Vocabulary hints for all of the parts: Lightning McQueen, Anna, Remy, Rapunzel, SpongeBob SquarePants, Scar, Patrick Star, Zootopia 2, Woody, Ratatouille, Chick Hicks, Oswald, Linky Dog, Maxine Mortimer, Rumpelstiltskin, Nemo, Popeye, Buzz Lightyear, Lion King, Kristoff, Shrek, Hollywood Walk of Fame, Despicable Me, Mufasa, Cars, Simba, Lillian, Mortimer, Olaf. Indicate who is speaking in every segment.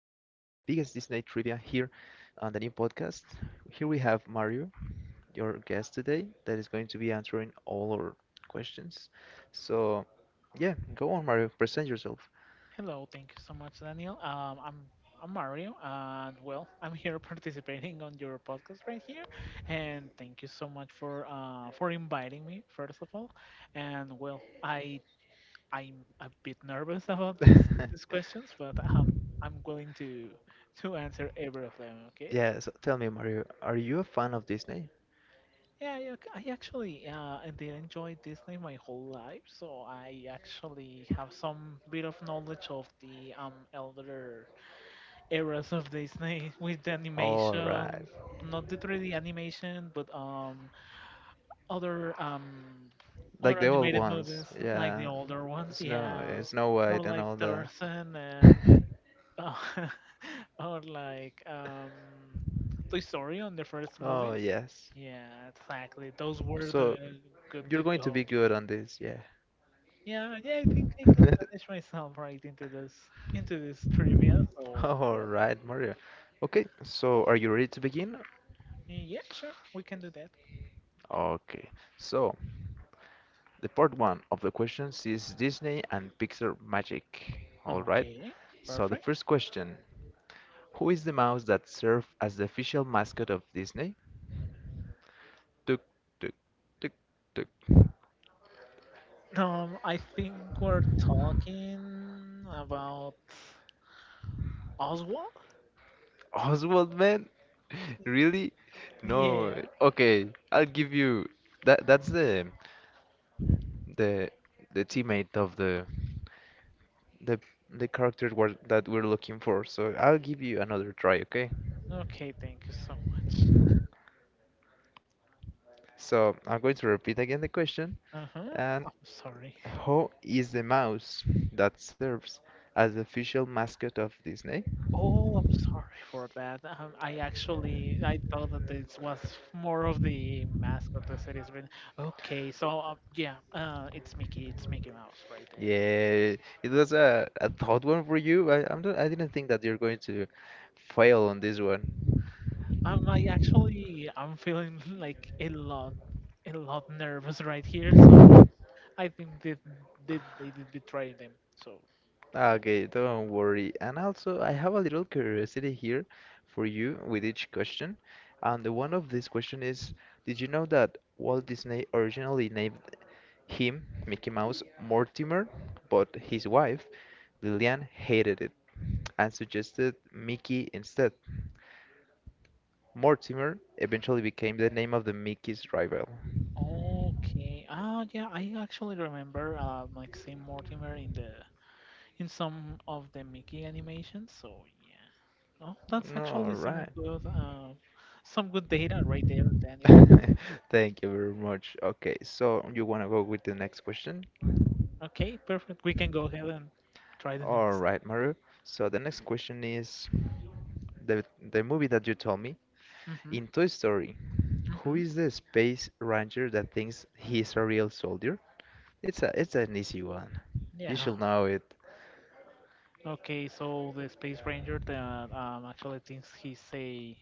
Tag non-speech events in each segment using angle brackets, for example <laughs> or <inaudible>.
Speaker 1: biggest Disney trivia here on the new podcast. Here we have Mario, your guest today, that is going to be answering all our questions. So, yeah, go on, Mario, present yourself.
Speaker 2: Hello, thank you so much, Daniel. I'm I'm Mario, and well, I'm here <laughs> participating on your podcast right here, and thank you so much for inviting me first of all, and well, I'm a bit nervous about these
Speaker 1: <laughs>
Speaker 2: questions, but I'm willing to answer every of them. Okay.
Speaker 1: Yeah, so tell me, Mario, are you a fan of Disney?
Speaker 2: Yeah, yeah, okay. I actually I did enjoy Disney my whole life, so I actually have some bit of knowledge of the elder eras of Disney <laughs> with the
Speaker 1: All right,
Speaker 2: animation, not the 3D animation, but other um other
Speaker 1: like the old
Speaker 2: animated
Speaker 1: ones,
Speaker 2: movies like the older ones, yeah,
Speaker 1: Yeah, Snow
Speaker 2: or
Speaker 1: White, and
Speaker 2: like
Speaker 1: all that.
Speaker 2: Tarzan and
Speaker 1: <laughs>
Speaker 2: uh, <laughs> or like Toy Story on the first
Speaker 1: Oh,
Speaker 2: movies.
Speaker 1: yes.
Speaker 2: Yeah, exactly. Those were
Speaker 1: So,
Speaker 2: the good
Speaker 1: you're
Speaker 2: to
Speaker 1: going to be
Speaker 2: go.
Speaker 1: good on this, yeah.
Speaker 2: Yeah, yeah, I think I can manage
Speaker 1: <laughs>
Speaker 2: myself right into this trivia. So
Speaker 1: All
Speaker 2: well,
Speaker 1: right, Maria. Okay, so are you ready to begin?
Speaker 2: yeah, sure, we can do that.
Speaker 1: Okay, so the part one of the questions is Disney and Pixar magic. All right,
Speaker 2: Okay,
Speaker 1: so the
Speaker 2: perfect.
Speaker 1: first question. Who is the mouse that served as the official mascot of Disney? Tuk, tuk, tuk, tuk.
Speaker 2: I think we're talking about Oswald.
Speaker 1: Oswald, man? <laughs> Really? No.
Speaker 2: Yeah.
Speaker 1: Okay, I'll give you that. That's the the teammate of the the the character were, that we're looking for. So I'll give you another try, okay?
Speaker 2: Okay, thank you so much.
Speaker 1: So I'm going to repeat again the question.
Speaker 2: Uh huh.
Speaker 1: And
Speaker 2: I'm sorry. <laughs>
Speaker 1: who is the mouse that serves as the official mascot of Disney?
Speaker 2: Oh, I'm sorry for that. I thought that this was more of the mascot the series. But it's Mickey. It's Mickey Mouse right there.
Speaker 1: Yeah, it was a thought one for you. I, I'm not, I didn't think that you're going to fail on this one.
Speaker 2: I'm feeling <laughs> like a lot nervous right here. So I think they did betray them. So
Speaker 1: Okay, don't worry. And also, I have a little curiosity here for you with each question. And the one of this question is, did you know that Walt Disney originally named him, Mickey Mouse, Mortimer, but his wife, Lillian, hated it and suggested Mickey instead? Mortimer eventually became the name of the Mickey's rival.
Speaker 2: okay. Ah, yeah, I actually remember Maxine Mortimer in the in some of the Mickey animations. So yeah. Oh, that's
Speaker 1: No,
Speaker 2: actually
Speaker 1: right.
Speaker 2: some good data right there, Daniel.
Speaker 1: <laughs> Thank you very much. Okay, so you want to go with the next question?
Speaker 2: Okay, perfect. We can go ahead and try the
Speaker 1: All
Speaker 2: next.
Speaker 1: right, Maru. So the next question is the the movie that you told me
Speaker 2: Mhm.
Speaker 1: in Toy Story. Who
Speaker 2: Mhm.
Speaker 1: is the space ranger that thinks he's a real soldier? It's an easy one. You
Speaker 2: Yeah.
Speaker 1: should know it.
Speaker 2: Okay, so the Space Ranger that actually thinks he's a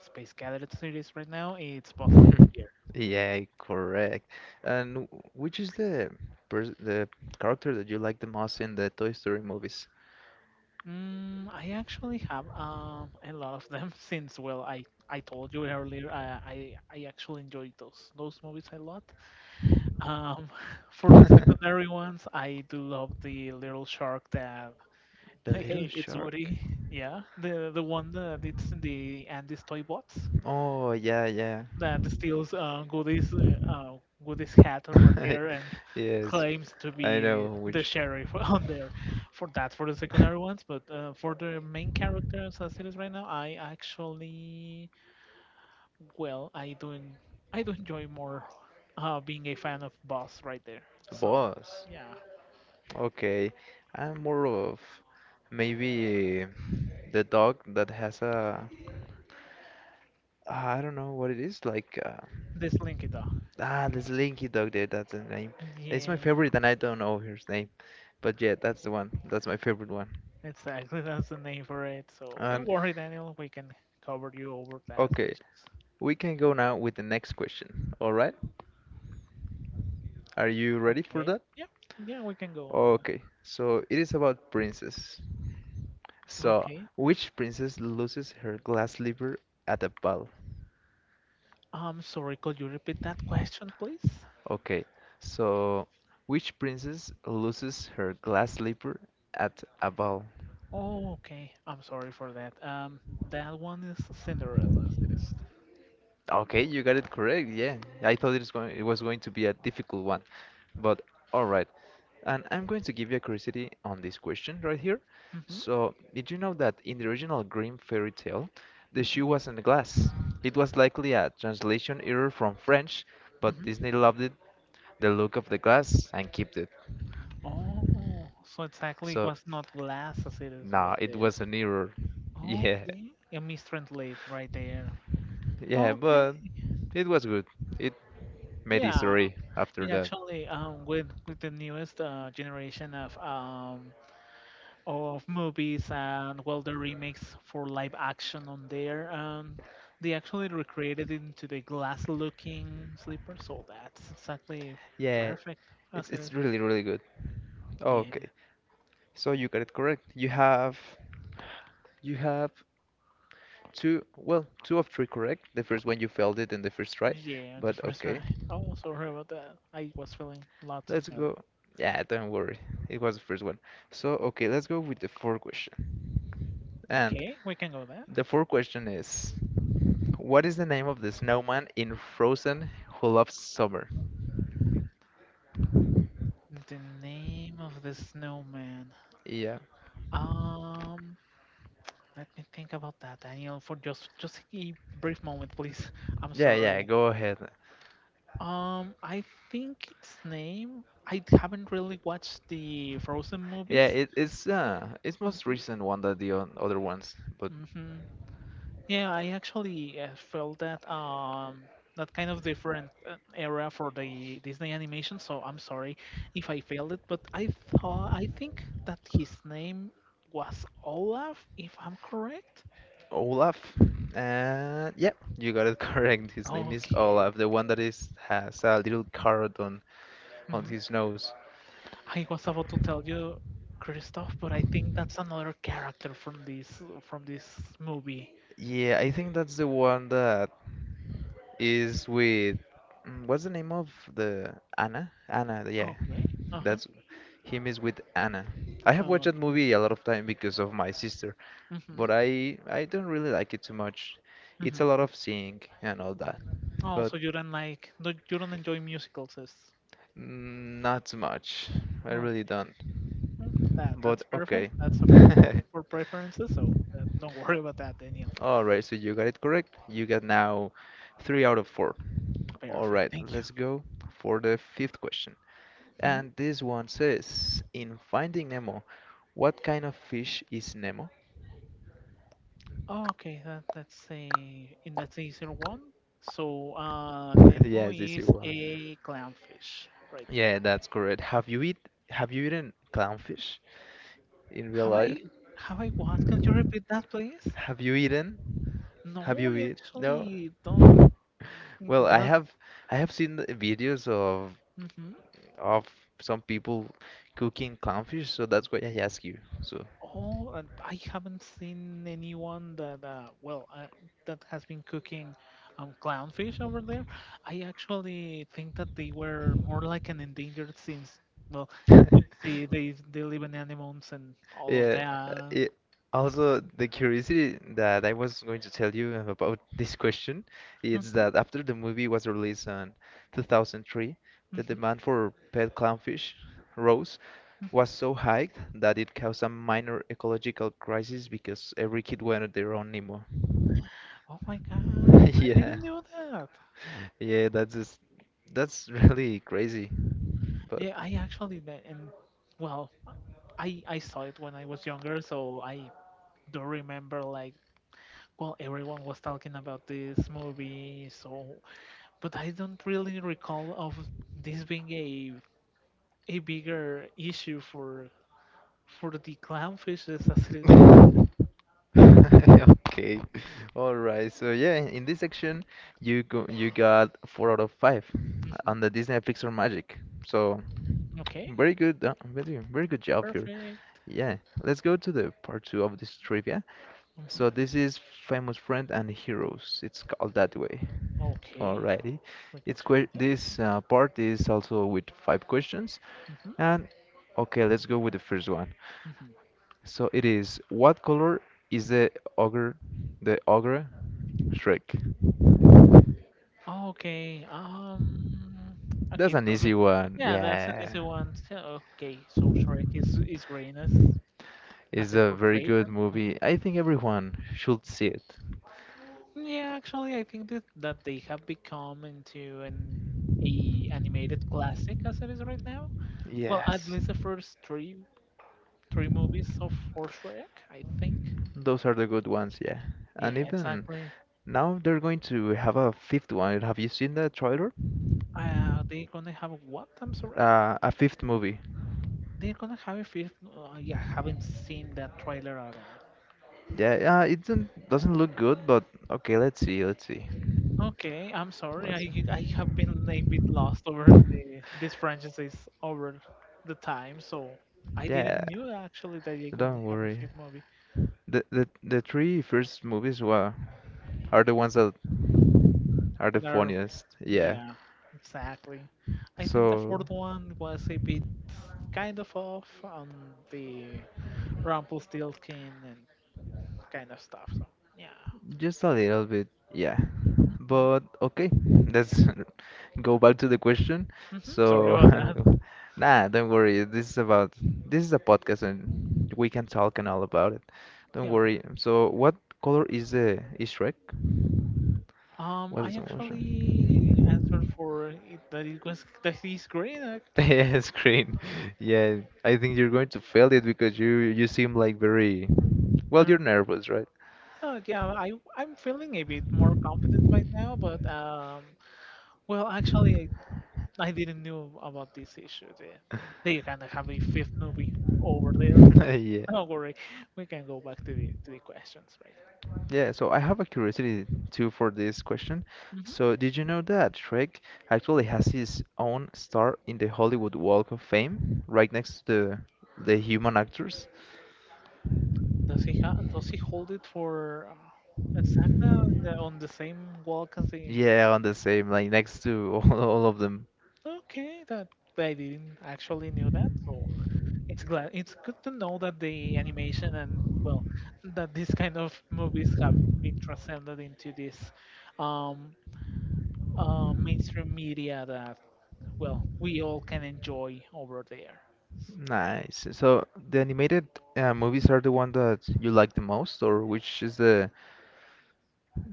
Speaker 2: Space Cadet series right now, it's Buzz
Speaker 1: <laughs>
Speaker 2: Lightyear.
Speaker 1: Yeah, correct. And which is the pers the character that you like the most in the Toy Story movies?
Speaker 2: I actually have a lot of them <laughs> since, I told you earlier, I actually enjoyed those movies a lot. Um, <laughs> for the
Speaker 1: <laughs>
Speaker 2: secondary ones, I do love the little shark that,
Speaker 1: The
Speaker 2: <laughs>
Speaker 1: little
Speaker 2: hey, it's
Speaker 1: shark.
Speaker 2: Woody, yeah, the one that it's in the Andy's Toy Box
Speaker 1: Oh, yeah, yeah.
Speaker 2: that steals Goody's hat over there
Speaker 1: <laughs>
Speaker 2: and
Speaker 1: Yes,
Speaker 2: claims to
Speaker 1: I
Speaker 2: be
Speaker 1: know
Speaker 2: the
Speaker 1: which.
Speaker 2: sheriff <laughs> on there. For the secondary
Speaker 1: <laughs>
Speaker 2: ones, but for the main characters as it is right now, I do I do enjoy more being a fan of Boss right there. So,
Speaker 1: Boss.
Speaker 2: yeah,
Speaker 1: Okay. I'm more of maybe the dog that has a, I don't know what it is like.
Speaker 2: this Linkita.
Speaker 1: Ah, there's Linky Dog there, that's the name. It's my
Speaker 2: Yeah,
Speaker 1: favorite and I don't know his name. But yeah, that's the one. That's my favorite one.
Speaker 2: exactly. <laughs> That's the name for it. So don't
Speaker 1: And
Speaker 2: worry, Daniel. We can cover you over that
Speaker 1: okay,
Speaker 2: issues.
Speaker 1: we can go now with the next question. All right? Are you ready for
Speaker 2: Okay.
Speaker 1: that?
Speaker 2: Yeah. Yeah, we can go over.
Speaker 1: Okay, so it is about princess. So,
Speaker 2: Okay.
Speaker 1: which princess loses her glass slipper at a ball?
Speaker 2: I'm sorry, could you repeat that question, please?
Speaker 1: Okay, so which princess loses her glass slipper at a ball?
Speaker 2: Oh, okay. I'm sorry for that. That one is Cinderella. It is.
Speaker 1: Okay, you got it correct. Yeah, I thought it was going to be a difficult one, but all right. And I'm going to give you a curiosity on this question right here.
Speaker 2: Mm-hmm.
Speaker 1: So, did you know that in the original Grimm fairy tale, the
Speaker 2: Mm-hmm.
Speaker 1: shoe was not glass? It was likely a translation error from French, but
Speaker 2: Mm-hmm.
Speaker 1: Disney loved it, the look of the glass, and kept it.
Speaker 2: Oh, so exactly it
Speaker 1: So,
Speaker 2: was not glass as it is
Speaker 1: nah,
Speaker 2: right
Speaker 1: it
Speaker 2: there.
Speaker 1: was an error. <laughs> Yeah.
Speaker 2: Okay. A mistranslate right there.
Speaker 1: Yeah,
Speaker 2: Okay.
Speaker 1: but it was good. It made
Speaker 2: Yeah.
Speaker 1: history after
Speaker 2: It
Speaker 1: that.
Speaker 2: actually with the newest generation of of movies and well the remakes for live action on there, and they actually recreated it into the glass looking slipper, so that's exactly
Speaker 1: Yeah,
Speaker 2: perfect
Speaker 1: it's
Speaker 2: as it
Speaker 1: it's
Speaker 2: is,
Speaker 1: really really good. Okay,
Speaker 2: yeah.
Speaker 1: so you got it correct. You have two, well, two of three correct. The first one you failed it in the first try,
Speaker 2: Yeah, the
Speaker 1: but
Speaker 2: first
Speaker 1: okay.
Speaker 2: try. Oh, sorry about that, I was feeling lots of
Speaker 1: Let's
Speaker 2: nerve.
Speaker 1: go. Yeah, don't worry. It was the first one. So, okay, let's go with the fourth question. And
Speaker 2: Okay, we can go there.
Speaker 1: the fourth question is, what is the name of the snowman in Frozen who loves summer?
Speaker 2: The name of the snowman,
Speaker 1: Yeah.
Speaker 2: um let me think about that, Daniel, for just a brief moment, please. I'm
Speaker 1: Yeah, yeah,
Speaker 2: sorry.
Speaker 1: go ahead.
Speaker 2: I think its name. I haven't really watched the Frozen
Speaker 1: Yeah,
Speaker 2: movies.
Speaker 1: it's most recent one than the other ones, but
Speaker 2: Hmm. Hmm. Yeah, I actually felt that that kind of different era for the Disney animation. So I'm sorry if I failed it, but I think that his name was Olaf, if I'm correct.
Speaker 1: Olaf. And yep, you got it <laughs> correct. His name is
Speaker 2: Okay.
Speaker 1: Olaf, the one that is has a little carrot on
Speaker 2: Hmm.
Speaker 1: his nose.
Speaker 2: I was about to tell you, Kristoff, but I think that's another character from this movie.
Speaker 1: Yeah, I think that's the one that is with, mm, what's the name of the Anna? Anna, yeah.
Speaker 2: Okay. Uh-huh.
Speaker 1: That's him is with Anna. I have watched
Speaker 2: Uh,
Speaker 1: that movie a lot of time because of my sister,
Speaker 2: mm-hmm.
Speaker 1: but I don't really like it too much. It's
Speaker 2: Mm-hmm.
Speaker 1: a lot of singing and all that.
Speaker 2: Oh,
Speaker 1: But
Speaker 2: so you don't like no, you don't enjoy musicals. Is—
Speaker 1: mm, not much. I really
Speaker 2: okay.
Speaker 1: don't.
Speaker 2: That
Speaker 1: But
Speaker 2: that's perfect.
Speaker 1: okay.
Speaker 2: That's a
Speaker 1: <laughs>
Speaker 2: for preferences. So don't worry about that, Daniel.
Speaker 1: Alright, so you got it correct. You got now three out of four.
Speaker 2: Perfect.
Speaker 1: Alright,
Speaker 2: Thank you.
Speaker 1: let's go for the fifth question.
Speaker 2: Hmm?
Speaker 1: And this one says, in Finding Nemo, what kind of fish is Nemo?
Speaker 2: Okay. That's a in that's the easier one. So
Speaker 1: <laughs>
Speaker 2: Nemo
Speaker 1: Yes, this is
Speaker 2: is
Speaker 1: one.
Speaker 2: a clownfish right
Speaker 1: Yeah,
Speaker 2: there.
Speaker 1: that's correct. Have you eaten clownfish in real
Speaker 2: Have
Speaker 1: life?
Speaker 2: I have I what? Can you repeat that, please?
Speaker 1: Have you eaten? Have
Speaker 2: No,
Speaker 1: you
Speaker 2: I
Speaker 1: eat? No.
Speaker 2: actually don't.
Speaker 1: <laughs> Well, I
Speaker 2: That's.
Speaker 1: have, I have seen the videos of some people cooking clownfish, so that's why I ask you. So,
Speaker 2: Oh, and I haven't seen anyone that that has been cooking clownfish over there. I actually think that they were more like an endangered since well, you see, they live in animals and
Speaker 1: <laughs>
Speaker 2: all of
Speaker 1: yeah, uh,
Speaker 2: that.
Speaker 1: it, also the curiosity that I was going to tell you about this question is
Speaker 2: Mhm,
Speaker 1: that after the movie was released in 2003, the
Speaker 2: mhm,
Speaker 1: demand for pet clownfish rose
Speaker 2: mhm.
Speaker 1: was so high that it caused a minor ecological crisis because every kid wanted their own Nemo.
Speaker 2: Oh my gosh,
Speaker 1: <laughs>
Speaker 2: I
Speaker 1: Yeah,
Speaker 2: didn't know that.
Speaker 1: yeah, that's just, that's really crazy.
Speaker 2: Yeah, I actually did, and well, I saw it when I was younger, so I do remember like well everyone was talking about this movie, so but I don't really recall of this being a bigger issue for the clownfishes as it is right.
Speaker 1: But <laughs> <laughs> okay. All right. So yeah, in this section, you got four out of five
Speaker 2: Hmm.
Speaker 1: on the Disney Pixar Magic. So,
Speaker 2: Okay,
Speaker 1: very good, very, very good job here.
Speaker 2: perfect.
Speaker 1: Yeah, let's go to the part two of this trivia. So
Speaker 2: Hmm.
Speaker 1: this is famous friend and heroes. It's called that way.
Speaker 2: Okay,
Speaker 1: Alrighty.
Speaker 2: we can
Speaker 1: It's
Speaker 2: check
Speaker 1: que
Speaker 2: on that.
Speaker 1: this part is also with five questions.
Speaker 2: Hmm.
Speaker 1: And okay, let's go with the first one.
Speaker 2: Hmm.
Speaker 1: So it is what color is ogre, the ogre Shrek?
Speaker 2: Okay. Okay,
Speaker 1: That's an
Speaker 2: perfect.
Speaker 1: easy one.
Speaker 2: Yeah, that's an
Speaker 1: Yeah.
Speaker 2: easy one. So, okay, so Shrek is green as
Speaker 1: It's
Speaker 2: it
Speaker 1: a very
Speaker 2: portrays
Speaker 1: good
Speaker 2: him. Mhm.
Speaker 1: movie. I think everyone should see it.
Speaker 2: Yeah, actually, I think that they have become into an a animated classic as it is right now. Well, at
Speaker 1: Yes,
Speaker 2: least the first three movies of for Shrek, I think.
Speaker 1: those are the good ones, yeah.
Speaker 2: Yeah,
Speaker 1: And even
Speaker 2: exactly.
Speaker 1: now they're going to have a fifth one. Have you seen the trailer?
Speaker 2: They're gonna have what? I'm sorry.
Speaker 1: A fifth movie.
Speaker 2: They're gonna have a fifth. Yeah, haven't seen that trailer at all.
Speaker 1: Yeah, it doesn't look good, but okay, let's see, let's see.
Speaker 2: Okay, I'm sorry.
Speaker 1: Let's,
Speaker 2: I have been a bit lost over the this franchise over the time, so I didn't
Speaker 1: yeah,
Speaker 2: knew actually that they're
Speaker 1: don't
Speaker 2: gonna have a
Speaker 1: worry.
Speaker 2: fifth movie.
Speaker 1: The three first movies were are the ones that are the
Speaker 2: But are
Speaker 1: funniest. Yeah.
Speaker 2: yeah, exactly. I think the
Speaker 1: So
Speaker 2: fourth one was a bit kind of off on the Rumpelstiltskin and kind of stuff. So yeah.
Speaker 1: just a little bit, yeah.
Speaker 2: Hmm.
Speaker 1: But okay, let's <laughs> go back to the question.
Speaker 2: Hmm. Sorry
Speaker 1: So
Speaker 2: about that. <laughs>
Speaker 1: <laughs> nah, don't worry. This is a podcast and we can talk and all about it. Don't
Speaker 2: Yeah.
Speaker 1: worry. So what color is the is Shrek? What
Speaker 2: I
Speaker 1: is the motion?
Speaker 2: actually answered for it, that it was that he's great. Like,
Speaker 1: <laughs> Yeah, screen. Yeah, I think you're going to fail it because you seem like very, well, you're
Speaker 2: no—
Speaker 1: nervous, right?
Speaker 2: yeah, I'm feeling a bit more confident right now, but actually, I didn't know about this issue. They kind of have a fifth movie over there, so
Speaker 1: <laughs> <laughs> yeah.
Speaker 2: don't worry, we can go back to the questions, right?
Speaker 1: Yeah, so I have a curiosity too for this question. So, did you know that Shrek actually has his own star in the Hollywood Walk of Fame, right next to the human actors?
Speaker 2: Does he does he hold it for exactly on on the same walk as the?
Speaker 1: Yeah, on the same, like next to <laughs> all of them.
Speaker 2: Okay, that I didn't actually knew that. So it's glad it's good to know that the animation and well that these kind of movies have been transcended into this um, mainstream media that well we all can enjoy over there.
Speaker 1: Nice. So the animated movies are the one that you like the most, or which is the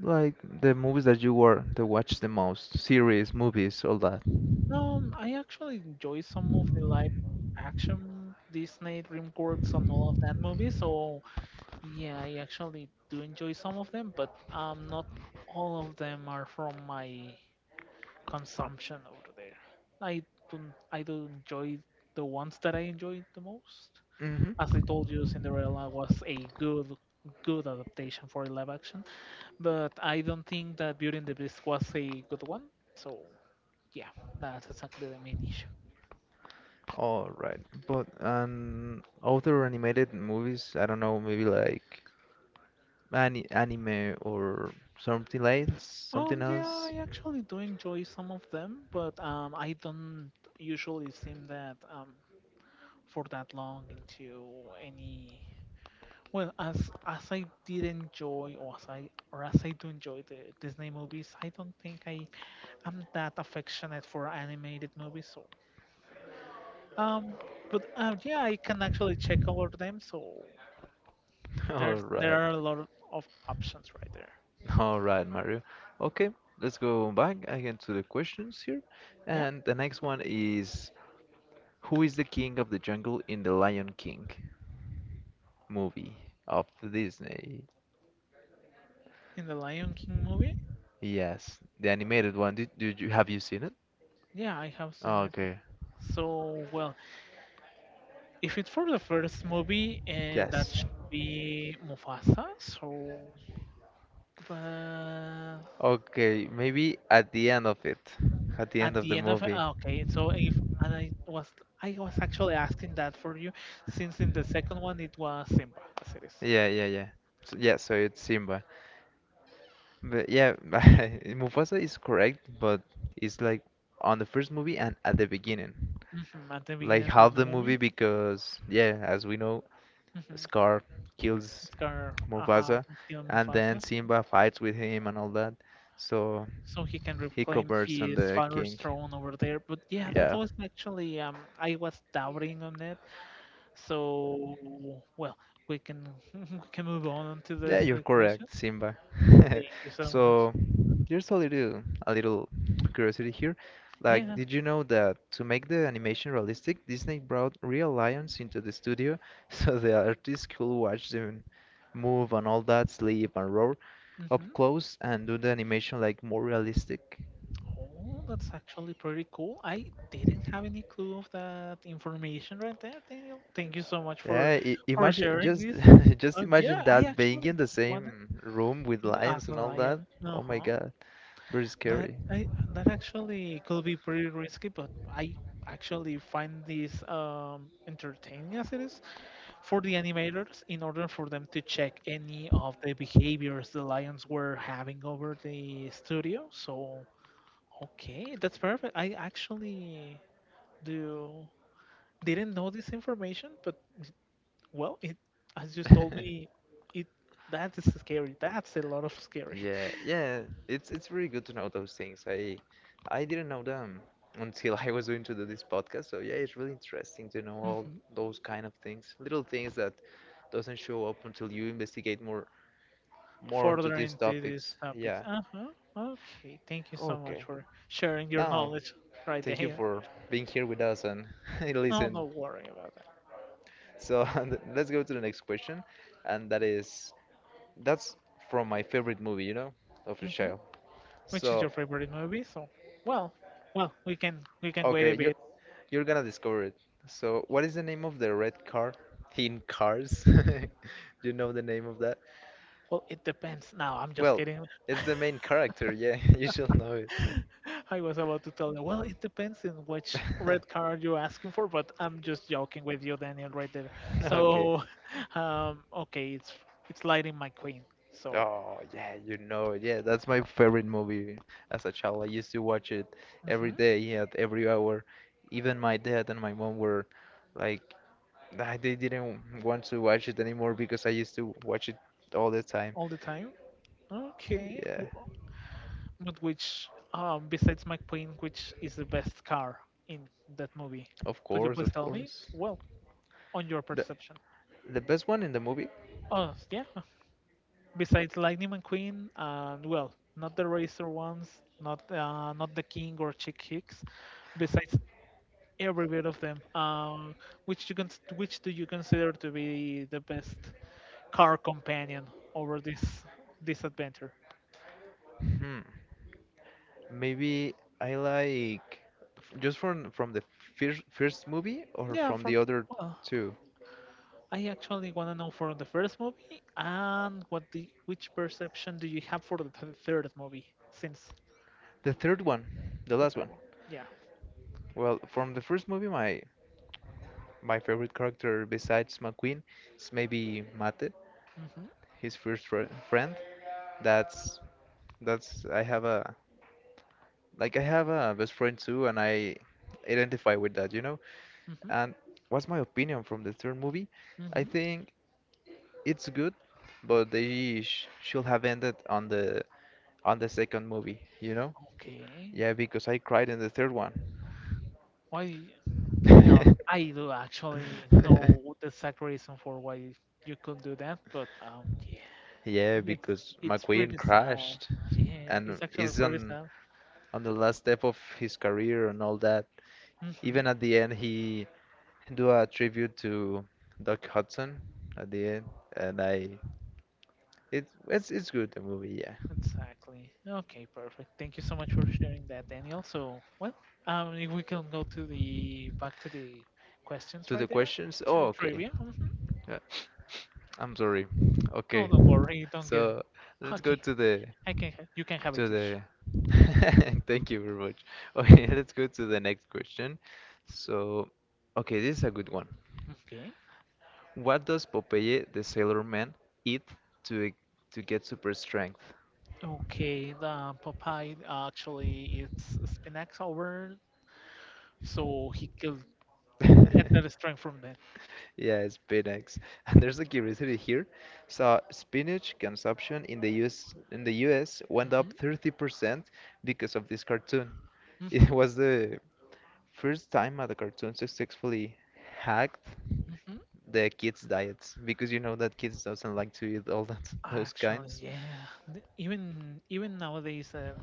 Speaker 1: like the movies that you were to watch the most? Series, movies, all that.
Speaker 2: I actually enjoy some of the live action Disney DreamWorks and all of that movies. So yeah, I actually do enjoy some of them, but not all of them are from my consumption over there. I don't, I do enjoy the ones that I enjoy the most.
Speaker 1: Hmm
Speaker 2: As I told you, Cinderella was a good adaptation for live action, but I don't think that Beauty and the Beast was a good one. So yeah, that's exactly the main issue.
Speaker 1: All right. But other animated movies, I don't know, maybe like. Any anime or something else? Something
Speaker 2: Yeah,
Speaker 1: else?
Speaker 2: I actually do enjoy some of them, but I don't usually seem that for that long into any. Well, as I did enjoy, or as I do enjoy the Disney movies, I don't think I am that affectionate for animated movies. So, um, but yeah, I can actually check over them. So
Speaker 1: <laughs> All
Speaker 2: there
Speaker 1: right.
Speaker 2: are a lot of options right there.
Speaker 1: All right, Mario. Okay, let's go back again to the questions here.
Speaker 2: Yeah,
Speaker 1: And the next one is, who is the king of the jungle in the Lion King movie of Disney?
Speaker 2: in the Lion King movie.
Speaker 1: Yes, the animated one. Did you Have you seen it?
Speaker 2: Yeah, I have seen
Speaker 1: Oh,
Speaker 2: it.
Speaker 1: okay.
Speaker 2: So well, if it's for the first movie, and that
Speaker 1: Yes.
Speaker 2: should be Mufasa. So but
Speaker 1: Okay, maybe at the end of it, at the end
Speaker 2: at
Speaker 1: of the
Speaker 2: the end of it,
Speaker 1: movie.
Speaker 2: ah, okay. So if and I was actually asking that for you, since in the second one it was Simba as it is.
Speaker 1: Yeah, yeah, yeah. So, yeah, so it's Simba. But yeah, <laughs> Mufasa is correct, but it's like on the first movie and at the beginning.
Speaker 2: Mhm, at the
Speaker 1: Like
Speaker 2: beginning of
Speaker 1: half
Speaker 2: the
Speaker 1: the
Speaker 2: movie,
Speaker 1: movie because yeah, as we know,
Speaker 2: mm-hmm.
Speaker 1: Scar kills
Speaker 2: Scar
Speaker 1: Mufasa
Speaker 2: can steal
Speaker 1: and then
Speaker 2: Mufasa,
Speaker 1: Simba fights with him and all that. So
Speaker 2: so he can
Speaker 1: he
Speaker 2: reclaim
Speaker 1: converts on
Speaker 2: his
Speaker 1: the
Speaker 2: father's
Speaker 1: king.
Speaker 2: throne over there. But yeah, that
Speaker 1: Yeah.
Speaker 2: was actually I was doubting on it. So well, we can <laughs> we can move on to
Speaker 1: Yeah,
Speaker 2: this
Speaker 1: you're
Speaker 2: question.
Speaker 1: correct, Simba. <laughs>
Speaker 2: Thank you so much.
Speaker 1: So, there's a little curiosity here. Like,
Speaker 2: Yeah.
Speaker 1: did you know that to make the animation realistic, Disney brought real lions into the studio <laughs> so the artists could watch them move and all that, sleep and roar up
Speaker 2: Hmm.
Speaker 1: close and do the animation like more realistic?
Speaker 2: Oh, that's actually pretty cool. I didn't have any clue of that information right there, Daniel. Thank you so much for
Speaker 1: Yeah, imagine
Speaker 2: sharing
Speaker 1: just
Speaker 2: this.
Speaker 1: <laughs> just imagine
Speaker 2: Yeah, I
Speaker 1: that being
Speaker 2: actually
Speaker 1: in the
Speaker 2: wanted
Speaker 1: same room with
Speaker 2: in-
Speaker 1: lions
Speaker 2: as a
Speaker 1: and all that.
Speaker 2: lion.
Speaker 1: Oh my
Speaker 2: Uh-huh.
Speaker 1: God, very
Speaker 2: That
Speaker 1: scary. <laughs>
Speaker 2: I that actually could be pretty risky, but I actually find this entertaining as it is for the animators in order for them to check any of the behaviors the lions were having over the studio. So okay, that's perfect. I actually do didn't know this information, but well, it as you told me, it that is scary. That's a lot of scary. <laughs>
Speaker 1: Yeah, yeah, it's really good to know those things. I didn't know them until I was going to do this podcast. So yeah, it's really interesting to know all
Speaker 2: Mhm.
Speaker 1: those kind of things, little things that doesn't show up until you investigate more into
Speaker 2: Further
Speaker 1: these
Speaker 2: into these
Speaker 1: topics.
Speaker 2: topics.
Speaker 1: Yeah.
Speaker 2: Uh-huh. Okay. Thank you so much
Speaker 1: Okay.
Speaker 2: for sharing your
Speaker 1: Now,
Speaker 2: knowledge right
Speaker 1: thank you
Speaker 2: there.
Speaker 1: for being here with us and <laughs>
Speaker 2: No,
Speaker 1: listen.
Speaker 2: no worry about that.
Speaker 1: So <laughs> let's go to the next question, and that is that's from my favorite movie, you know, of the
Speaker 2: Hmm.
Speaker 1: child.
Speaker 2: Which is
Speaker 1: So
Speaker 2: your favorite movie? So, well, well, we can wait a
Speaker 1: okay,
Speaker 2: bit.
Speaker 1: you're gonna discover it. So what is the name of the red car in Cars? <laughs> Do you know the name of that?
Speaker 2: Well, it depends. Now, I'm just
Speaker 1: Well,
Speaker 2: kidding.
Speaker 1: it's the main character. Yeah, <laughs> you should know it.
Speaker 2: I was about to tell you, well, it depends on which red
Speaker 1: <laughs>
Speaker 2: card you're asking for, but I'm just joking with you, Daniel, right there.
Speaker 1: Okay.
Speaker 2: So, <laughs> okay, it's lighting my queen. So,
Speaker 1: Oh yeah, you know it. Yeah, that's my favorite movie as a child. I used to watch it every
Speaker 2: mhm,
Speaker 1: day yeah, at every hour. Even my dad and my mom were like, "Ah, they didn't want to watch it anymore because I used to watch it all the time."
Speaker 2: all the time. Okay,
Speaker 1: Yeah,
Speaker 2: but which, besides my queen, which is the best car in that movie?
Speaker 1: of
Speaker 2: Could you
Speaker 1: course,
Speaker 2: please
Speaker 1: of
Speaker 2: tell me?
Speaker 1: course.
Speaker 2: Well, on your
Speaker 1: The
Speaker 2: perception.
Speaker 1: the best one in the movie?
Speaker 2: Oh, yeah. Besides Lightning McQueen and well, not the Razor ones, not not the King or Chick Hicks, besides every bit of them. Which you can which do you consider to be the best car companion over this adventure?
Speaker 1: Hmm. Maybe I like just from the first movie or
Speaker 2: Yeah,
Speaker 1: from
Speaker 2: from
Speaker 1: the other
Speaker 2: well,
Speaker 1: two.
Speaker 2: I actually want to know for the first movie and what the which perception do you have for the third movie since
Speaker 1: The third one, the
Speaker 2: the
Speaker 1: last one.
Speaker 2: third one? Yeah.
Speaker 1: Well, from the first movie, my favorite character besides McQueen is maybe Mate,
Speaker 2: Mhm.
Speaker 1: his first fr friend. That's that's, I have a like I have a best friend too, and I identify with that, you know.
Speaker 2: Mhm.
Speaker 1: And what's my opinion from the third movie? I
Speaker 2: Mhm.
Speaker 1: think it's good, but they sh should have ended on the second movie, you know?
Speaker 2: Okay.
Speaker 1: Yeah, because I cried in the third one.
Speaker 2: Why? Well, I do actually
Speaker 1: <laughs> <laughs>
Speaker 2: know the exact reason for why you couldn't do that, but yeah,
Speaker 1: Yeah,
Speaker 2: it's
Speaker 1: because
Speaker 2: it's
Speaker 1: McQueen
Speaker 2: pretty sad.
Speaker 1: crashed
Speaker 2: Yeah,
Speaker 1: and
Speaker 2: it's actually
Speaker 1: is
Speaker 2: pretty sad.
Speaker 1: on the last step of his career and all that.
Speaker 2: Mm-hmm.
Speaker 1: Even at the end, he do a tribute to Doc Hudson at the end, and I it's good the movie. Yeah.
Speaker 2: Exactly. Okay, perfect. Thank you so much for sharing that, Daniel. So, well, if we can go to the back to the questions
Speaker 1: To the
Speaker 2: right there,
Speaker 1: questions.
Speaker 2: to
Speaker 1: Oh,
Speaker 2: the
Speaker 1: okay.
Speaker 2: trivia.
Speaker 1: Uh, <laughs> I'm sorry.
Speaker 2: No,
Speaker 1: Okay,
Speaker 2: don't worry, don't get.
Speaker 1: so let's go
Speaker 2: Okay,
Speaker 1: to the.
Speaker 2: I can. You can have it,
Speaker 1: To
Speaker 2: Tish.
Speaker 1: the. <laughs> Thank you very much. Okay, <laughs> let's go to the next question. So, okay, this is a good one.
Speaker 2: Okay.
Speaker 1: What does Popeye the Sailor Man eat to to get super strength?
Speaker 2: Okay, the Popeye actually it's spinach over, so he could get that strength from
Speaker 1: <laughs>
Speaker 2: that.
Speaker 1: Yeah, spinach. <laughs> And there's a curiosity here. So spinach consumption in the US went up
Speaker 2: hmm
Speaker 1: 30% because of this cartoon. <laughs>
Speaker 2: hmm
Speaker 1: It was the first time that a cartoon successfully hacked
Speaker 2: hmm
Speaker 1: the kids' diets because you know that kids doesn't like to eat all that <laughs> those
Speaker 2: Actually,
Speaker 1: kinds.
Speaker 2: yeah. Even nowadays,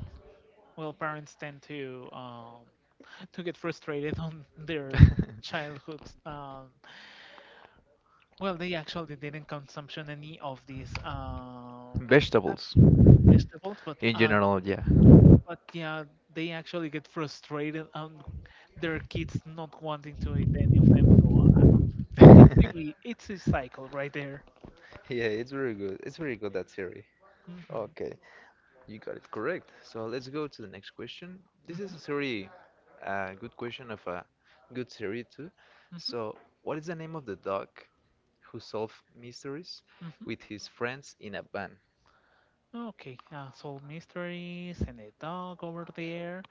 Speaker 2: well, parents tend to <laughs> to get frustrated <laughs> on their
Speaker 1: <laughs>
Speaker 2: childhood. Well, they actually didn't consumption any of these uh,
Speaker 1: Vegetables
Speaker 2: vegetables,
Speaker 1: in general, yeah.
Speaker 2: but yeah, they actually get frustrated. Their kids not wanting to eat any of them. So it's a,
Speaker 1: <laughs>
Speaker 2: it's a cycle right there.
Speaker 1: Yeah, it's very good. It's very good that series.
Speaker 2: Mm-hmm.
Speaker 1: Okay, you got it correct. So let's go to the next question. This
Speaker 2: Mm-hmm.
Speaker 1: is a very good question of a good series too.
Speaker 2: Mm-hmm.
Speaker 1: So, what is the name of the dog who solved mysteries
Speaker 2: Mm-hmm.
Speaker 1: with his friends in a van?
Speaker 2: Okay, Soul Mysteries and a dog over there.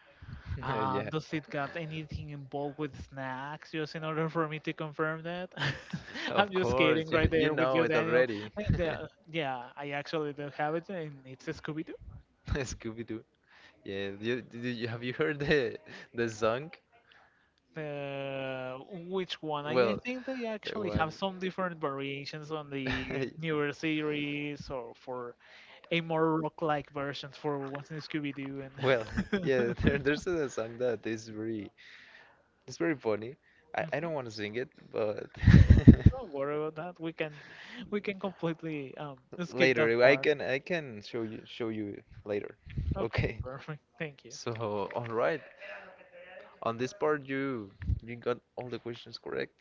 Speaker 1: <laughs> Yeah,
Speaker 2: Does it got anything involved with snacks? Just in order for me to confirm that. <laughs> I'm
Speaker 1: of
Speaker 2: just kidding
Speaker 1: course. You,
Speaker 2: right
Speaker 1: you
Speaker 2: there with
Speaker 1: know
Speaker 2: you,
Speaker 1: it
Speaker 2: Daniel.
Speaker 1: already. <laughs>
Speaker 2: Yeah, I actually don't have it, and it's Scooby.
Speaker 1: Scooby-Doo. Yeah, have you heard the song?
Speaker 2: Uh, which one? I
Speaker 1: Well,
Speaker 2: think they
Speaker 1: the
Speaker 2: actually have
Speaker 1: one.
Speaker 2: some different variations on the
Speaker 1: <laughs>
Speaker 2: newer series or for a more rock-like versions for what's in Scooby-Doo and
Speaker 1: Well, <laughs> yeah, there's a song that is very, it's very funny. I don't want to
Speaker 2: <laughs>
Speaker 1: sing it, but <laughs>
Speaker 2: don't worry about that. We can completely skip that
Speaker 1: Later, I
Speaker 2: part.
Speaker 1: can I can show you it later. <laughs>
Speaker 2: Okay,
Speaker 1: Okay.
Speaker 2: perfect. Thank you.
Speaker 1: So, all right. On this part, you got all the questions correct.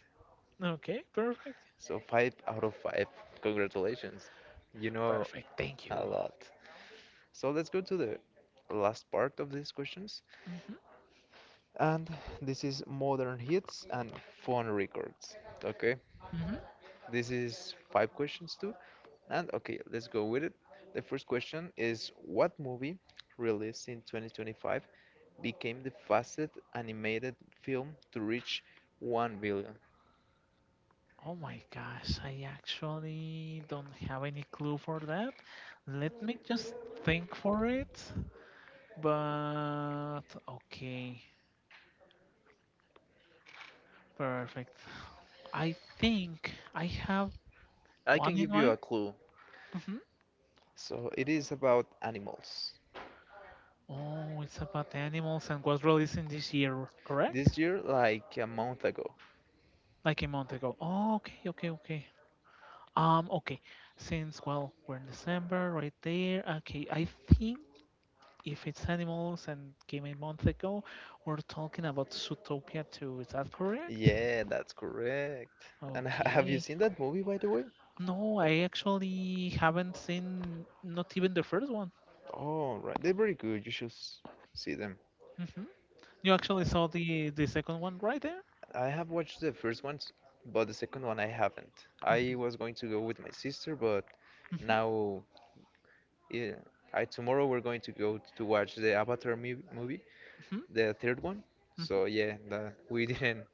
Speaker 2: Okay, perfect.
Speaker 1: So 5 out of 5. Congratulations. You know
Speaker 2: Perfect. Thank
Speaker 1: a
Speaker 2: you.
Speaker 1: lot. So let's go to the last part of these questions,
Speaker 2: hmm
Speaker 1: and this is modern hits and phone records. Okay.
Speaker 2: hmm
Speaker 1: This is 5 questions too. And okay, let's go with it. The first question is what movie released in 2025 became the fastest animated film to reach 1 billion?
Speaker 2: Oh my gosh, I actually don't have any clue for that. Let me just think for it. But okay, perfect. I think I have
Speaker 1: I can
Speaker 2: one in
Speaker 1: give you
Speaker 2: mind.
Speaker 1: a clue.
Speaker 2: hmm
Speaker 1: So it is about animals.
Speaker 2: Oh, it's about animals and was released in this year, correct?
Speaker 1: This year, like a month ago.
Speaker 2: Like a month ago. Oh, okay, okay, okay. Okay. Since well, we're in December, right there. Okay, I think if it's animals and came a month ago, we're talking about Zootopia 2. Is that correct?
Speaker 1: Yeah, that's correct. And <laughs> have you
Speaker 2: Okay.
Speaker 1: seen that movie, by the way?
Speaker 2: No, I actually haven't seen not even the first one.
Speaker 1: Oh, right. They're very good. You should see them.
Speaker 2: hmm You actually saw the second one right there.
Speaker 1: I have watched the first ones, but the second one I haven't. I
Speaker 2: hmm
Speaker 1: was going to go with my sister, but
Speaker 2: hmm
Speaker 1: now yeah, I tomorrow we're going to go to watch the Avatar movie,
Speaker 2: hmm
Speaker 1: the third one.
Speaker 2: hmm
Speaker 1: So yeah, that we <laughs> didn't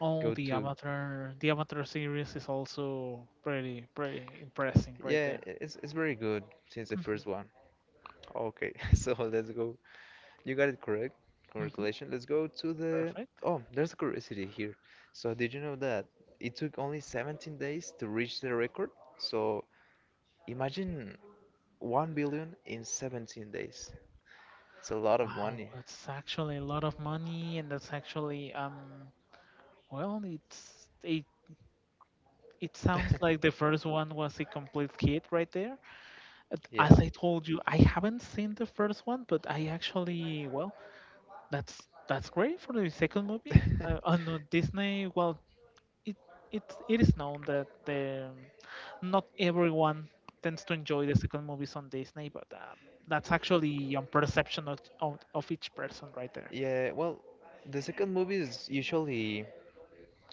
Speaker 2: Oh,
Speaker 1: go to.
Speaker 2: The Avatar series is also pretty pretty impressive right
Speaker 1: Yeah,
Speaker 2: there.
Speaker 1: it's very good since the
Speaker 2: hmm
Speaker 1: first one. Okay, <laughs> so let's go. You got it correct.
Speaker 2: hmm
Speaker 1: Congratulations. Let's go to the.
Speaker 2: Perfect.
Speaker 1: Oh, there's a curiosity here. So did you know that it took only 17 days to reach the record? So imagine. 1 billion in 17 days. It's a lot of
Speaker 2: Wow,
Speaker 1: money.
Speaker 2: that's actually a lot of money, and that's actually well, it it sounds like
Speaker 1: <laughs>
Speaker 2: the first one was a complete hit right there. And as
Speaker 1: Yeah.
Speaker 2: I told you, I haven't seen the first one, but I actually well. That's great for the second movie. I know
Speaker 1: <laughs>
Speaker 2: Disney. Well, it it is known that the, not everyone tends to enjoy the second movies on Disney, but that's actually on perception of each person right there.
Speaker 1: Yeah, well, the second movies usually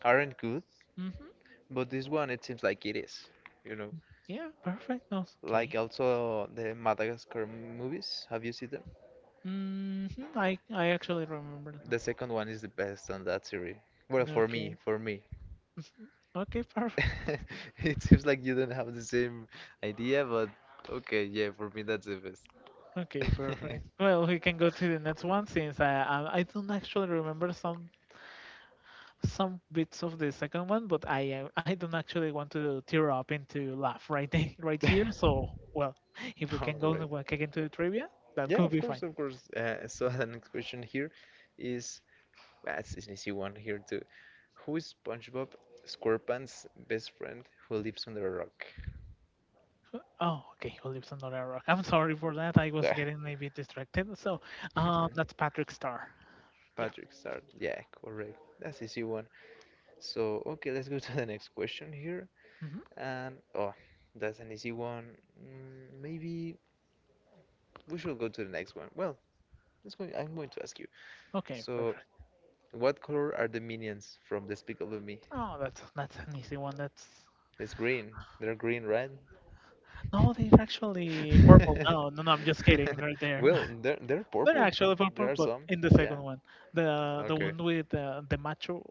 Speaker 1: aren't good,
Speaker 2: hmm
Speaker 1: but this one it seems like it is, you know.
Speaker 2: Yeah, perfect. No, it's okay.
Speaker 1: Like also the Madagascar movies, have you seen them?
Speaker 2: hmm I actually remember that.
Speaker 1: The second one is the best on that series. Well,
Speaker 2: Okay.
Speaker 1: for me.
Speaker 2: Okay, perfect.
Speaker 1: <laughs> It seems like you don't have the same idea, but okay, yeah, for me that's the best.
Speaker 2: Okay,
Speaker 1: <laughs>
Speaker 2: perfect. Well, we can go to the next one since I don't actually remember some bits of the second one, but I don't actually want to tear up into laugh right there, <laughs> right here. So well, if we
Speaker 1: All
Speaker 2: can go
Speaker 1: right.
Speaker 2: back again to the trivia, that
Speaker 1: Yeah,
Speaker 2: could
Speaker 1: of
Speaker 2: be fine.
Speaker 1: course, of course. So <laughs> the next question here is, well, it's an easy one here too. Who is SpongeBob SquarePants' best friend who lives under a rock?
Speaker 2: Oh, okay, who lives under a rock? I'm sorry for that. I was
Speaker 1: Ah.
Speaker 2: getting a bit distracted. So, that's
Speaker 1: <laughs>
Speaker 2: Patrick Star. Yeah.
Speaker 1: Patrick Star. Yeah, correct. That's easy one. So, okay, let's go to the next question here.
Speaker 2: hmm
Speaker 1: And oh, that's an easy one. Maybe we should go to the next one. Well, let's go. I'm going to ask you.
Speaker 2: Okay,
Speaker 1: So,
Speaker 2: perfect.
Speaker 1: what color are the minions from Despicable Me?
Speaker 2: Oh, that's an easy one. That's
Speaker 1: It's green. They're green, right?
Speaker 2: no, they're actually purple. No, no, no. I'm just
Speaker 1: <laughs>
Speaker 2: kidding. Right there,
Speaker 1: Well, they're
Speaker 2: <laughs> they're
Speaker 1: purple.
Speaker 2: actually
Speaker 1: There
Speaker 2: purple,
Speaker 1: are
Speaker 2: but
Speaker 1: some.
Speaker 2: in the
Speaker 1: Yeah.
Speaker 2: second one, the
Speaker 1: Okay.
Speaker 2: one with the macho.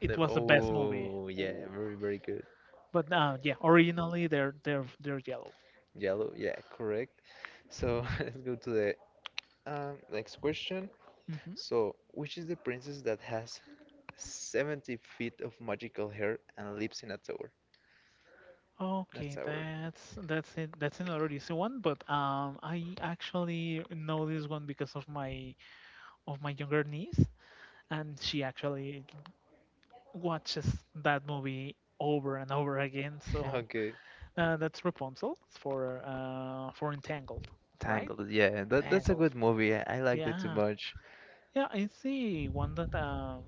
Speaker 2: It was the best movie.
Speaker 1: Oh, yeah.
Speaker 2: Ooh.
Speaker 1: Very, very good.
Speaker 2: But yeah, originally they're yellow.
Speaker 1: Yellow. Yeah, correct. So <laughs> let's go to the next question.
Speaker 2: hmm
Speaker 1: So, which is the princess that has 70 feet of magical hair and lives in a tower? In a
Speaker 2: Okay,
Speaker 1: tower. <laughs>
Speaker 2: that's it. That's another easy one, but I actually know this one because of my younger niece, and she actually watches that movie over and over again. So
Speaker 1: Okay.
Speaker 2: that's Rapunzel for Entangled, right?
Speaker 1: Tangled, yeah. That's a
Speaker 2: Entangled.
Speaker 1: good movie. I liked it too
Speaker 2: Yeah.
Speaker 1: much.
Speaker 2: Yeah, I see one that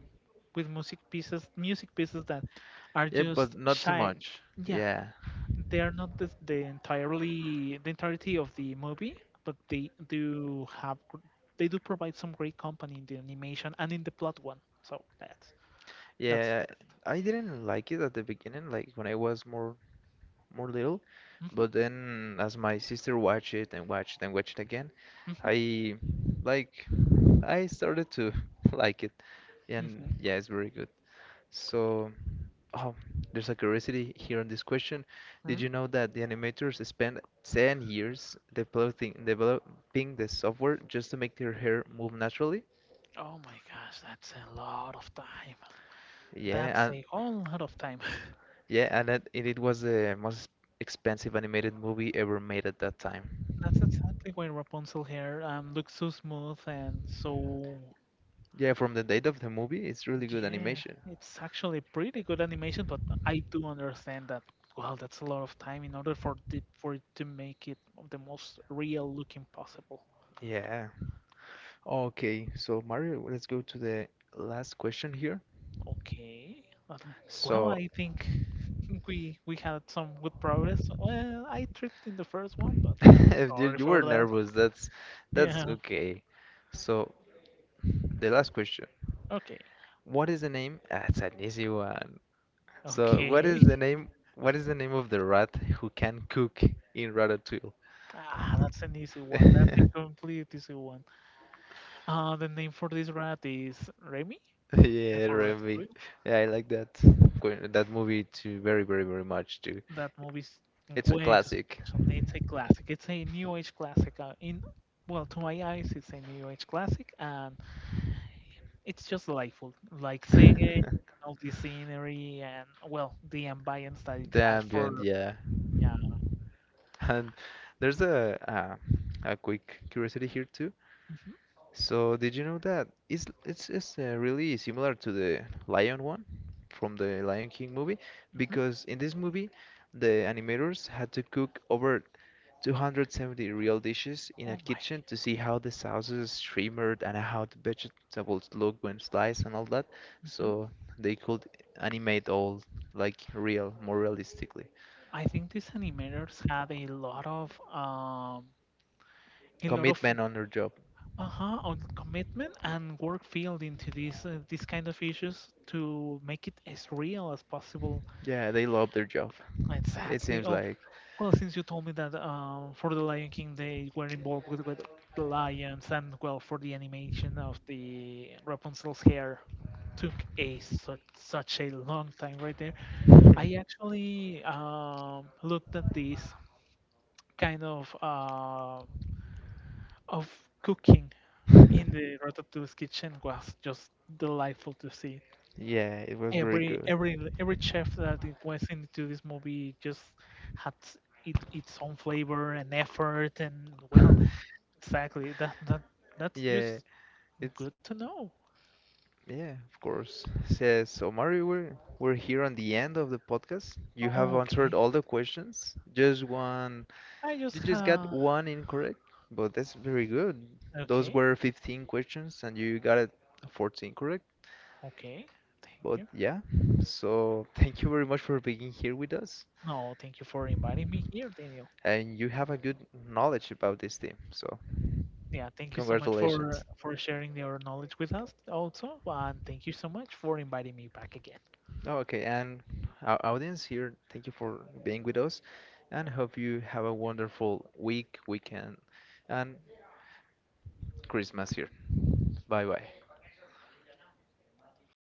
Speaker 2: with music pieces that are
Speaker 1: Yeah, but
Speaker 2: just
Speaker 1: not too
Speaker 2: shine.
Speaker 1: much.
Speaker 2: Yeah,
Speaker 1: Yeah.
Speaker 2: they are not the, the entirely the entirety of the movie, but they do have they do provide some great company in the animation and in the plot one. So that's
Speaker 1: Yeah,
Speaker 2: best.
Speaker 1: I didn't like it at the beginning, like when I was more more little.
Speaker 2: hmm
Speaker 1: But then, as my sister watched it and watched again,
Speaker 2: hmm
Speaker 1: I like I started to <laughs> like it, and
Speaker 2: hmm
Speaker 1: yeah, it's very good. So, oh, there's a curiosity here on this question. Did
Speaker 2: hmm
Speaker 1: you know that the animators spend 10 years developing the software just to make their hair move naturally?
Speaker 2: Oh my gosh, that's a lot of time.
Speaker 1: Yeah,
Speaker 2: That's
Speaker 1: and
Speaker 2: a whole lot of time. <laughs>
Speaker 1: yeah, and it was the most expensive animated movie ever made at that time.
Speaker 2: That's exactly why Rapunzel hair looks so smooth and so.
Speaker 1: Yeah, from the date of the movie, it's really good
Speaker 2: Yeah,
Speaker 1: animation.
Speaker 2: it's actually pretty good animation, but I do understand that, well, that's a lot of time in order for the, for it to make it the most real looking possible.
Speaker 1: Yeah. Okay, so Mario, let's go to the last question here.
Speaker 2: Okay. Um, well,
Speaker 1: So,
Speaker 2: I think <laughs> we had some good progress. Well, I tripped in the first one, but
Speaker 1: <laughs>
Speaker 2: I
Speaker 1: if
Speaker 2: sorry
Speaker 1: you
Speaker 2: for
Speaker 1: were
Speaker 2: that.
Speaker 1: nervous, that's
Speaker 2: Yeah.
Speaker 1: okay. So, the last question.
Speaker 2: Okay.
Speaker 1: What is the name? Ah, it's an easy one. So what
Speaker 2: Okay.
Speaker 1: is
Speaker 2: <laughs>
Speaker 1: the name? What is the name of the rat who can cook in Ratatouille?
Speaker 2: Ah, that's an easy one. That's a
Speaker 1: <laughs>
Speaker 2: complete easy one. The name for this rat is Remy,
Speaker 1: Yeah,
Speaker 2: for
Speaker 1: Remy.
Speaker 2: Ratatouille.
Speaker 1: Yeah, I like that that movie too very, very, very much too.
Speaker 2: That movie's
Speaker 1: It's a
Speaker 2: way too
Speaker 1: classic.
Speaker 2: special. It's a classic. It's a new age classic. In well, to my eyes, it's a new age classic,
Speaker 1: <laughs>
Speaker 2: and it's just delightful. Like seeing it, and all the scenery, and well, the ambience that it
Speaker 1: The
Speaker 2: has
Speaker 1: ambient,
Speaker 2: for
Speaker 1: yeah.
Speaker 2: yeah.
Speaker 1: <laughs> And there's a quick curiosity here too.
Speaker 2: hmm
Speaker 1: So did you know that it's really similar to the lion one from the Lion King movie
Speaker 2: hmm
Speaker 1: because in this movie the animators had to cook over 270 real dishes in a
Speaker 2: Oh my.
Speaker 1: kitchen to see how the sauces shimmered and how the vegetables look when sliced and all that
Speaker 2: hmm
Speaker 1: so they could animate all like real more realistically
Speaker 2: I think these animators had a lot of
Speaker 1: commitment on their job.
Speaker 2: uh-huh on commitment and work field into these kind of issues to make it as real as possible.
Speaker 1: Yeah, they love their job. It
Speaker 2: Exactly.
Speaker 1: seems
Speaker 2: Oh,
Speaker 1: like.
Speaker 2: well, since you told me that for the Lion King they were involved with the lions, and well, for the animation of the Rapunzel's hair took a such, such a long time right there. I
Speaker 1: <laughs>
Speaker 2: actually looked at this kind of cooking in the Ratatouille's kitchen was just delightful to see.
Speaker 1: Yeah, it was very
Speaker 2: Every
Speaker 1: good.
Speaker 2: every every chef that it was into this movie just had it, its own flavor and effort and well.
Speaker 1: <laughs>
Speaker 2: Exactly. That that that's
Speaker 1: Yeah,
Speaker 2: just
Speaker 1: it's.
Speaker 2: good to know.
Speaker 1: Yeah, of course. So, so Mario, we're here on the end of the podcast. You have
Speaker 2: Oh,
Speaker 1: answered
Speaker 2: okay.
Speaker 1: all the questions. Just one,
Speaker 2: I just
Speaker 1: you just got one incorrect, but that's very good. Those
Speaker 2: okay,
Speaker 1: were 15 questions, and you got it 14 correct.
Speaker 2: okay. Thank
Speaker 1: But
Speaker 2: you.
Speaker 1: yeah, so thank you very much for being here with us,
Speaker 2: No, thank you for inviting me here, Daniel.
Speaker 1: and you have a good knowledge about this team. So
Speaker 2: Yeah, thank you so much
Speaker 1: congratulations.
Speaker 2: for sharing your knowledge with us also, and thank you so much for inviting me back again.
Speaker 1: Oh, okay, and our audience here, thank you for being with us and hope you have a wonderful week, weekend, and Christmas here. Bye bye.